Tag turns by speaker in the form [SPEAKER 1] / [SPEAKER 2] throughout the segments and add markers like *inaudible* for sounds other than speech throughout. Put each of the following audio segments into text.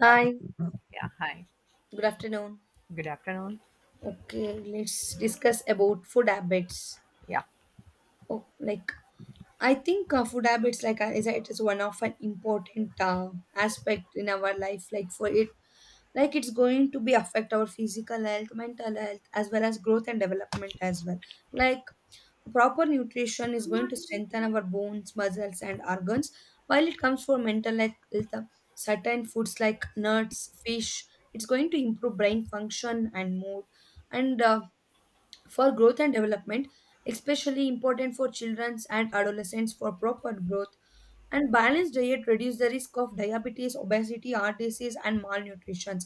[SPEAKER 1] Hi,
[SPEAKER 2] Yeah, hi.
[SPEAKER 1] good afternoon.
[SPEAKER 2] Good afternoon.
[SPEAKER 1] Okay, let's discuss about food habits.
[SPEAKER 2] Yeah.
[SPEAKER 1] oh, Like, I think food habits, like, is one of an important aspect in our life. Like, for it, like it's going to be affect our physical health, mental health, as well as growth and development as well. Like, proper nutrition is going to strengthen our bones, muscles, and organs. While it comes for mental health, certain foods like nuts, fish, it's going to improve brain function and mood. And For growth and development, especially important for children and adolescents for proper growth, and balanced diet reduce the risk of diabetes, obesity, heart disease, and malnutrition.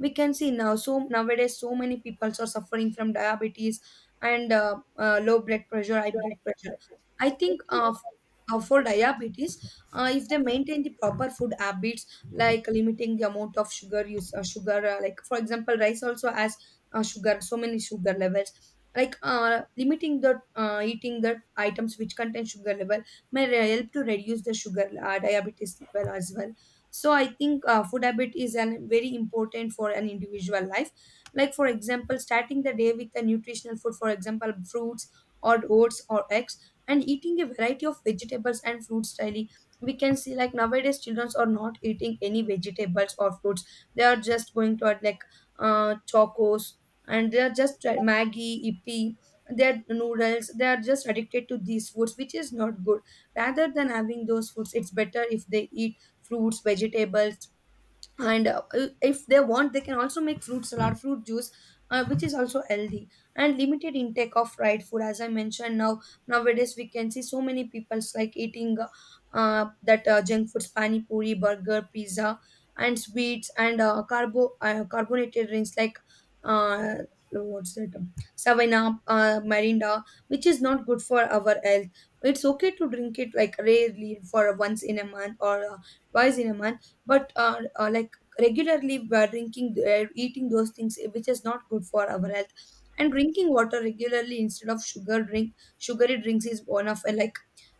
[SPEAKER 1] We can see now, so nowadays so many people are suffering from diabetes, and low blood pressure, high blood pressure. I think for diabetes, if they maintain the proper food habits, like limiting the amount of sugar, like for example, rice also has sugar, so many sugar levels. Like limiting the eating the items which contain sugar level help to reduce the sugar diabetes level as well. So I think food habit is an very important for an individual life. Like for example, starting the day with a nutritional food, for example, fruits or oats or eggs, and eating a variety of vegetables and fruits daily. We can see, like nowadays children are not eating any vegetables or fruits. They are just going to add like chocos, and they are just maggie ippy, their noodles. They are just addicted to these foods, which is not good. Rather than having those foods, it's better if they eat fruits, vegetables, and if they want, they can also make fruit salad, fruit juice, which is also healthy. And limited intake of fried food. As I mentioned, now nowadays we can see so many people's like eating that junk foods, pani puri, burger, pizza, and sweets, and carbonated drinks, like uh, what's that savannah, mirinda, which is not good for our health. It's okay to drink it, like rarely, for once in a month or twice in a month. But like regularly drinking, eating those things, eh, which is not good for our health. And drinking water regularly instead of sugary drinks is one of like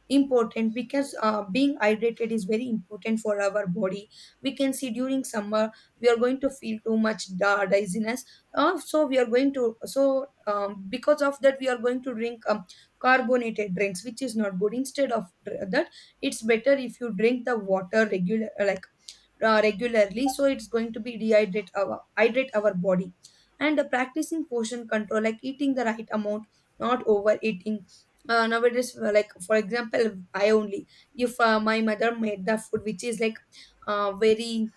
[SPEAKER 1] important, because being hydrated is very important for our body. We can see during summer we are going to feel too much dizziness. So we are going to so Because of that, we are going to drink carbonated drinks, which is not good. Instead of that, it's better if you drink the water regularly, so it's going to be dehydrate our hydrate our body. And practicing portion control, like eating the right amount, not overeating. Nowadays, like for example, I only, if my mother made the food which is like very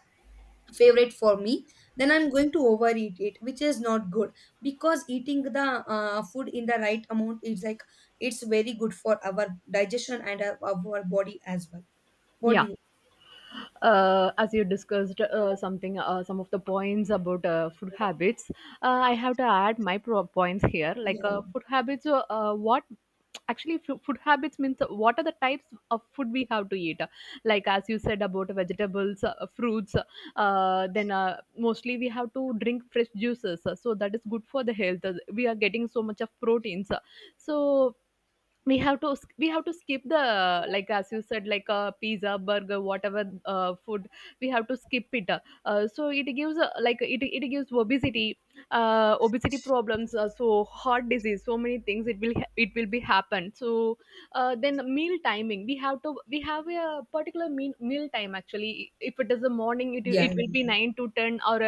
[SPEAKER 1] favorite for me, then I'm going to overeat it, which is not good. Because eating the food in the right amount is like it's very good for our digestion and our body as well. What
[SPEAKER 2] Yeah,
[SPEAKER 1] do you
[SPEAKER 2] as you discussed something, some of the points about food habits, I have to add my points here. Like
[SPEAKER 1] yeah,
[SPEAKER 2] food habits, what actually food habits means the types of food we eat, like fruits, then mostly we have fresh juices, so that is good for the health. We are getting so much of things. So we have to we have to skip the, like as you said, like a pizza, burger, whatever food we have to skip it. So it gives, like it gives obesity problems, so heart disease, so many things it will be happen. So then meal timing, we have a particular meal time actually. If it is the morning, it
[SPEAKER 1] yeah,
[SPEAKER 2] will be
[SPEAKER 1] yeah.
[SPEAKER 2] 9 to 10, or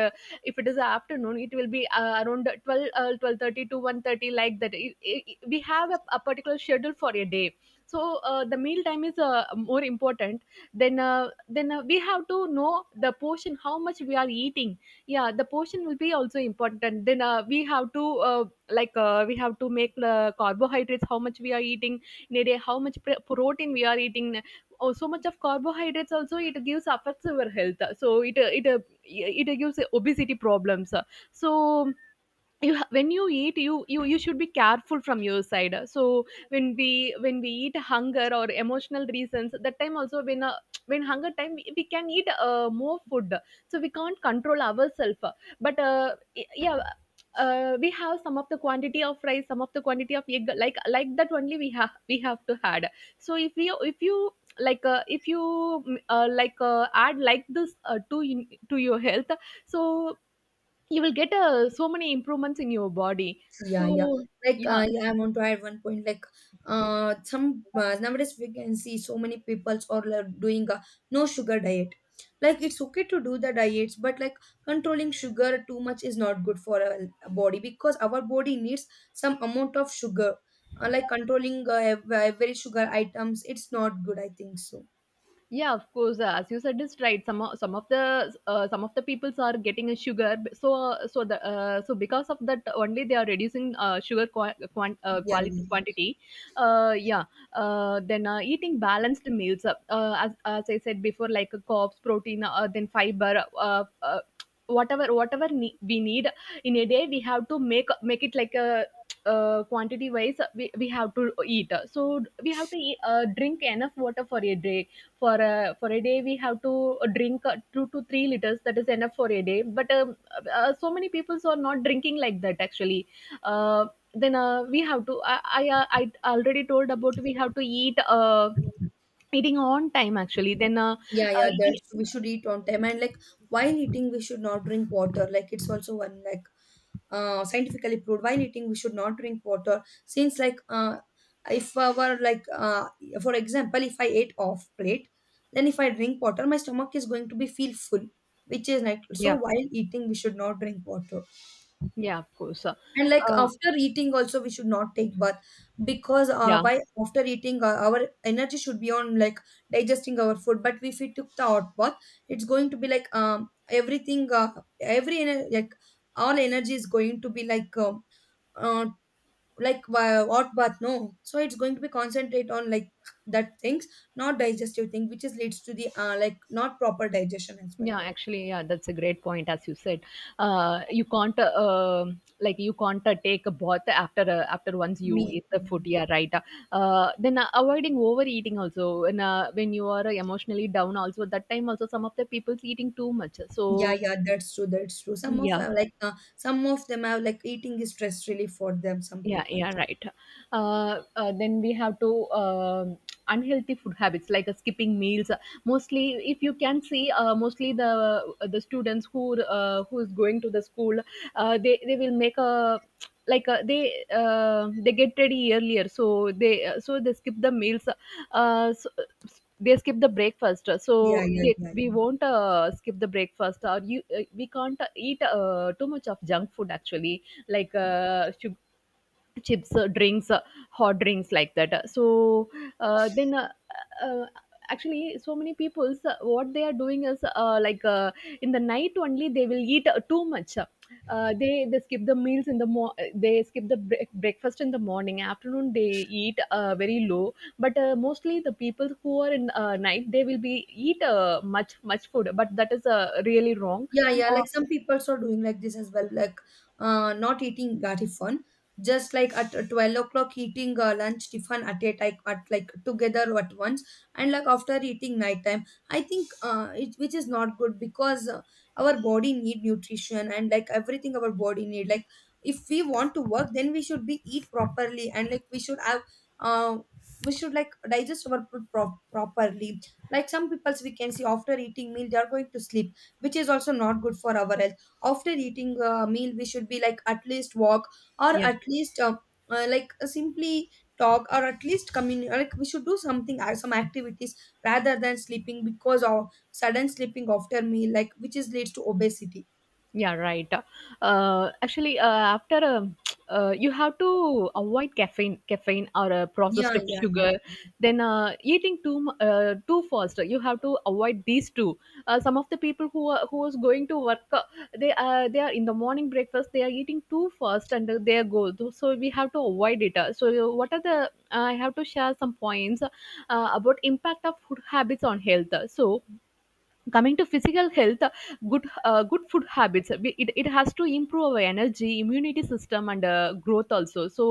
[SPEAKER 2] if it is afternoon, it will be around 12, 12:30 to 1:30, like that. We have a particular schedule for a day. So the meal time is more important. Then uh, then uh, we have to know the portion, how much we are eating. Yeah, the portion will be also important. Then we have to, uh, like we have to make the carbohydrates, how much we are eating in a day, how much protein we are eating. Oh, so much of carbohydrates also, it gives, affects our health. So it gives obesity problems. So when you eat, you should be careful from your side. So when we eat hunger or emotional reasons, that time also, when hunger time, we can eat more food, so we can't control ourselves. But yeah, we have some of the quantity of rice, some of the quantity of egg, like that only we have to add. So if you like, if you, add like this to to your health, so you will get, so many improvements in your body.
[SPEAKER 1] Yeah, yeah.
[SPEAKER 2] So yeah.
[SPEAKER 1] Yeah, I want to add one point. Like some nowadays we can see so many people are like doing a no sugar diet. Like it's okay to do the diets, but like controlling sugar too much is not good for our body, because our body needs some amount of sugar. Like controlling every sugar items, it's not good, I think so.
[SPEAKER 2] Yeah, of course. As you said, is right. Some of the, some of the peoples are getting a sugar. So so the, so because of that only they are reducing sugar
[SPEAKER 1] Yeah,
[SPEAKER 2] quality
[SPEAKER 1] yeah.
[SPEAKER 2] quantity. Yeah. Then eating balanced meals. As I said before, like carbs, protein, then fiber. Whatever we need in a day, we have to make it like a, quantity wise, we have to eat. So we have to eat, drink enough water for a day. For a day we have to drink 2 to 3 liters. That is enough for a day, but so many people are not drinking like that actually. Uh, then uh, we have to, I already told about, we have to eat, eating on time actually.
[SPEAKER 1] Yeah,
[SPEAKER 2] Uh,
[SPEAKER 1] yeah, that
[SPEAKER 2] e-
[SPEAKER 1] we should eat on time. And like while eating, we should not drink water. Like it's also one, like scientifically proved. While eating, we should not drink water. Since like if our like for example, if I ate off plate, then if I drink water, my stomach is going to be feel full, which is like, so
[SPEAKER 2] yeah,
[SPEAKER 1] while eating we should not drink water.
[SPEAKER 2] yeah, of course.
[SPEAKER 1] And like
[SPEAKER 2] Uh,
[SPEAKER 1] after eating also, we should not take bath, because
[SPEAKER 2] yeah.
[SPEAKER 1] why after eating, our energy should be on like digesting our food. But if we took the hot bath, it's going to be like every ener- like all energy is going to be like uh, hot bath, no, so it's going to be concentrate on like that things, not digestive thing, which is leads to the like not proper digestion as well.
[SPEAKER 2] Yeah, actually, yeah, that's a great point. As you said, you can't like you can't take a bath after, after once you
[SPEAKER 1] Meal.
[SPEAKER 2] eat the food. Yeah, right. Then avoiding overeating also. When you are emotionally down, also that time also, some of the people's eating too much.
[SPEAKER 1] Yeah,
[SPEAKER 2] So
[SPEAKER 1] yeah, that's true. That's true. Some of
[SPEAKER 2] yeah,
[SPEAKER 1] some of them have like eating is stress relief for them. Some
[SPEAKER 2] yeah,
[SPEAKER 1] people.
[SPEAKER 2] yeah, right. Then we have to, unhealthy food habits like skipping meals. Mostly if you can see, mostly the students who, who is going to the school, they will make a, like they get ready earlier, so they, so they skip the meals. uh, so, they skip the breakfast, so
[SPEAKER 1] Yeah, yeah,
[SPEAKER 2] they,
[SPEAKER 1] yeah,
[SPEAKER 2] we
[SPEAKER 1] yeah.
[SPEAKER 2] won't skip the breakfast. Or you we can't eat too much of junk food actually, like chips, drinks, hot drinks, like that. So then uh, Actually so many people's, what they are doing is, in the night only they will eat too much. They skip the meals in the they skip the breakfast in the morning. Afternoon they eat very low, but mostly the people who are in night they will be eat much much food, but that is really wrong.
[SPEAKER 1] Yeah, yeah. Like some people are doing like this as well, like not eating gatifon, just like at 12 o'clock, eating lunch tiffin at a like at like together at once, and like after eating nighttime. I think it which is not good, because our body need nutrition and like everything our body need. Like if we want to work, then we should be eat properly, and like we should have uh we should like digest our food properly. Like some people's, we can see after eating meal, they are going to sleep, which is also not good for our health. After eating a meal, we should be like at least walk, or
[SPEAKER 2] Yeah.
[SPEAKER 1] at least simply talk, or at least communicate. Like we should do something, some activities, rather than sleeping. Because of sudden sleeping after meal, like which is leads to obesity.
[SPEAKER 2] Yeah, right. Actually, after *tsk* you have to avoid caffeine or processed
[SPEAKER 1] Yeah,
[SPEAKER 2] of
[SPEAKER 1] yeah,
[SPEAKER 2] sugar.
[SPEAKER 1] yeah.
[SPEAKER 2] Then eating too fast, you have to avoid these two. Some of the people who are, who is going to work, they, they are in the morning breakfast. They are eating too fast and they go. So we have to avoid it. So what are the? I have to share some points about impact of food habits on health. So, coming to physical health, good food habits, it, it has to improve our energy, immunity system, and growth also. so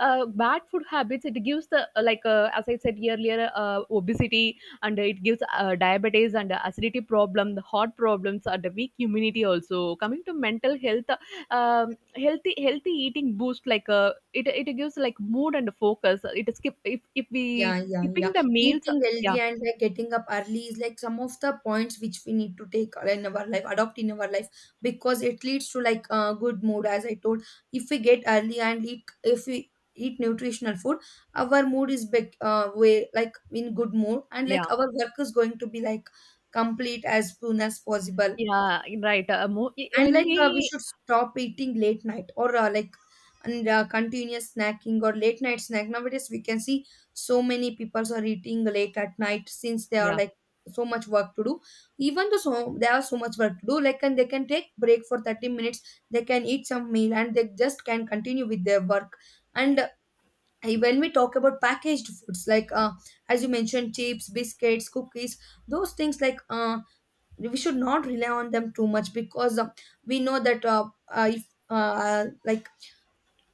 [SPEAKER 2] uh, bad food habits, it gives the, as I said earlier, obesity, and it gives diabetes and acidity problem, the heart problems, and the weak immunity also. Coming to mental health, um, healthy eating boost, like it gives like mood and focus. It skip, if we
[SPEAKER 1] Yeah, yeah,
[SPEAKER 2] skipping
[SPEAKER 1] yeah.
[SPEAKER 2] the meals,
[SPEAKER 1] Eating
[SPEAKER 2] yeah,
[SPEAKER 1] healthy and like getting up early is like some of the points which we need to take in our life, adopt in our life, because it leads to like a good mood. As I told, if we get early and eat, if we eat nutritional food, our mood is back, way like in good mood, and
[SPEAKER 2] yeah.
[SPEAKER 1] like our work is going to be like complete as soon as possible.
[SPEAKER 2] Yeah, right. Mo I
[SPEAKER 1] And
[SPEAKER 2] when
[SPEAKER 1] we
[SPEAKER 2] we,
[SPEAKER 1] should stop eating late night or like and continuous snacking or late night snack. Nowadays we can see so many people are eating late at night, since they are
[SPEAKER 2] yeah,
[SPEAKER 1] like so much work to do. Even though so they have so much work to do, like and they can take break for 30 minutes. They can eat some meal, and they just can continue with their work. And when we talk about packaged foods, like as you mentioned, chips, biscuits, cookies, those things, like we should not rely on them too much, because we know that if like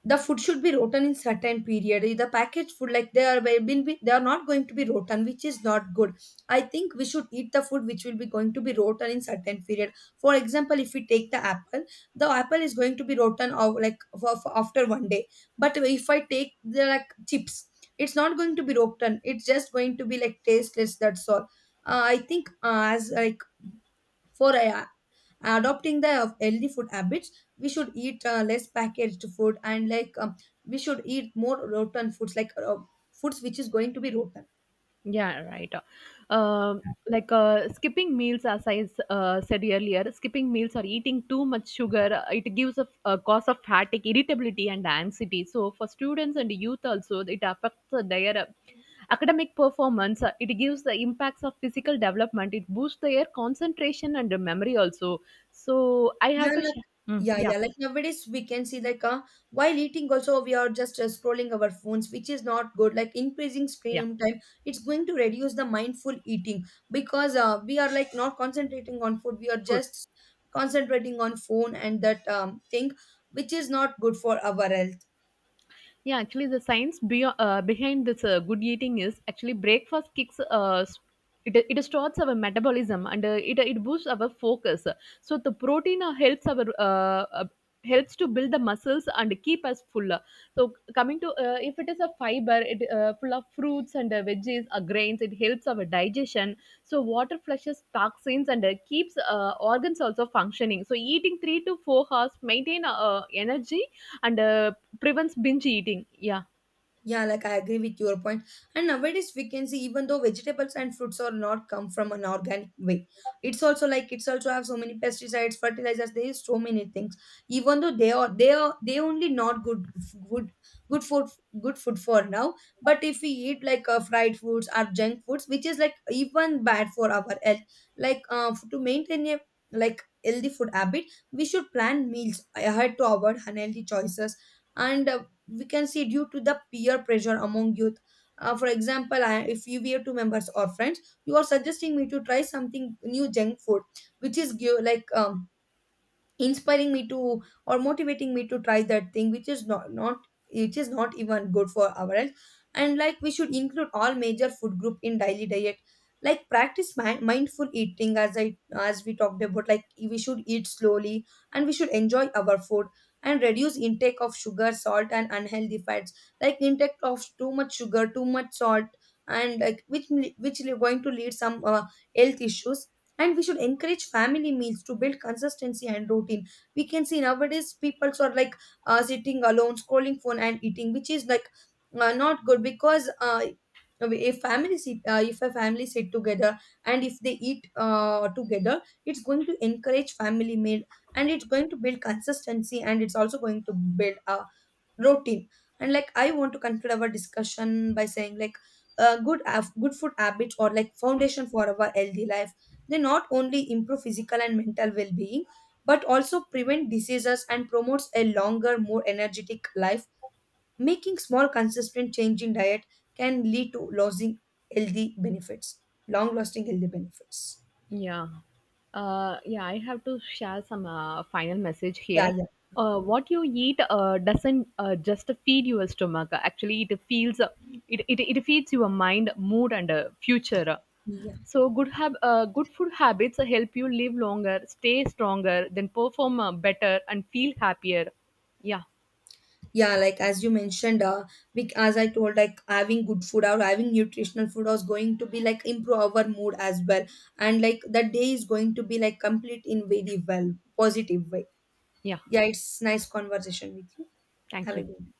[SPEAKER 1] the food should be rotten in certain period. The packaged food, like they are will been be, they are not going to be rotten, which is not good. I think we should eat the food which will be going to be rotten in certain period. For example, if we take the apple, the apple is going to be rotten of like for after one day. But if I take the like chips, it's not going to be rotten, it's just going to be like tasteless, that's all. I think as like for adopting the healthy food habits, we should eat less packaged food, and like we should eat more rotten foods, like foods which is going to be rotten.
[SPEAKER 2] yeah, right. Um, like skipping meals, as I said earlier, skipping meals or eating too much sugar, it gives a cause of fatigue, irritability, and anxiety. So for students and youth also, it affects their academic performance. It gives the impacts of physical development. It boosts their concentration and memory also. So I
[SPEAKER 1] Yeah,
[SPEAKER 2] have to
[SPEAKER 1] like,
[SPEAKER 2] share. Mm,
[SPEAKER 1] yeah,
[SPEAKER 2] yeah,
[SPEAKER 1] yeah. Like nowadays, we can see like while eating also, we are just scrolling our phones, which is not good. Like increasing
[SPEAKER 2] yeah.
[SPEAKER 1] screen time, it's going to reduce the mindful eating, because we are like not concentrating on food. We are
[SPEAKER 2] Food.
[SPEAKER 1] just concentrating on phone and that thing, which is not good for our health.
[SPEAKER 2] Yeah, actually, the science behind this good eating is actually breakfast kicks. It starts our metabolism, and it boosts our focus. So the protein helps our, helps to build the muscles and keep us full. So coming to, if it is a fiber, it, full of fruits and veggies or grains, it helps our digestion. So water flushes toxins and keeps organs also functioning. So eating 3 to 4 hours maintain energy, and prevents binge eating. Yeah,
[SPEAKER 1] Yeah, like I agree with your point. And nowadays we can see even though vegetables and fruits are not come from an organic way, it's also like it's also have so many pesticides, fertilizers. There is so many things. Even though they only not good, good, good food, good food for now. But if we eat like fried foods or junk foods, which is like even bad for our health, like to maintain a like healthy food habit, we should plan meals ahead to avoid unhealthy choices. And we can see due to the peer pressure among youth. For example, I, if you were two members or friends, you are suggesting me to try something new junk food, which is give, like inspiring me to or motivating me to try that thing, which is not, which is not even good for our health. And like we should include all major food group in daily diet, like practice mindful eating. As I as we talked about, like we should eat slowly, and we should enjoy our food, and reduce intake of sugar, salt, and unhealthy fats. Like intake of too much sugar, too much salt, and like which is going to lead some health issues. And we should encourage family meals to build consistency and routine. We can see nowadays people are like sitting alone, scrolling phone and eating, which is like not good. Because if a family sit together, and if they eat together, it's going to encourage family meal, and it's going to build consistency, and it's also going to build a routine. And like I want to conclude our discussion by saying, like good food habits or like foundation for our healthy life. They not only improve physical and mental well-being, but also prevent diseases and promotes a longer, more energetic life. Making small consistent change in diet can lead to losing healthy benefits, long lasting healthy benefits.
[SPEAKER 2] yeah. Yeah, I have to share some final message
[SPEAKER 1] Yeah,
[SPEAKER 2] here.
[SPEAKER 1] yeah,
[SPEAKER 2] What you eat doesn't just feed your stomach. Actually, it feels it feeds your mind, mood, and future.
[SPEAKER 1] yeah.
[SPEAKER 2] So good food habits help you live longer, stay stronger, then perform better, and feel happier. Yeah,
[SPEAKER 1] Yeah, like as you mentioned, we, as I told, like having good food or having nutritional food is going to be like improve our mood as well, and like that day is going to be like complete in very well positive way.
[SPEAKER 2] yeah.
[SPEAKER 1] Yeah, it's nice conversation with you.
[SPEAKER 2] Thank
[SPEAKER 1] Have a
[SPEAKER 2] you.
[SPEAKER 1] good day.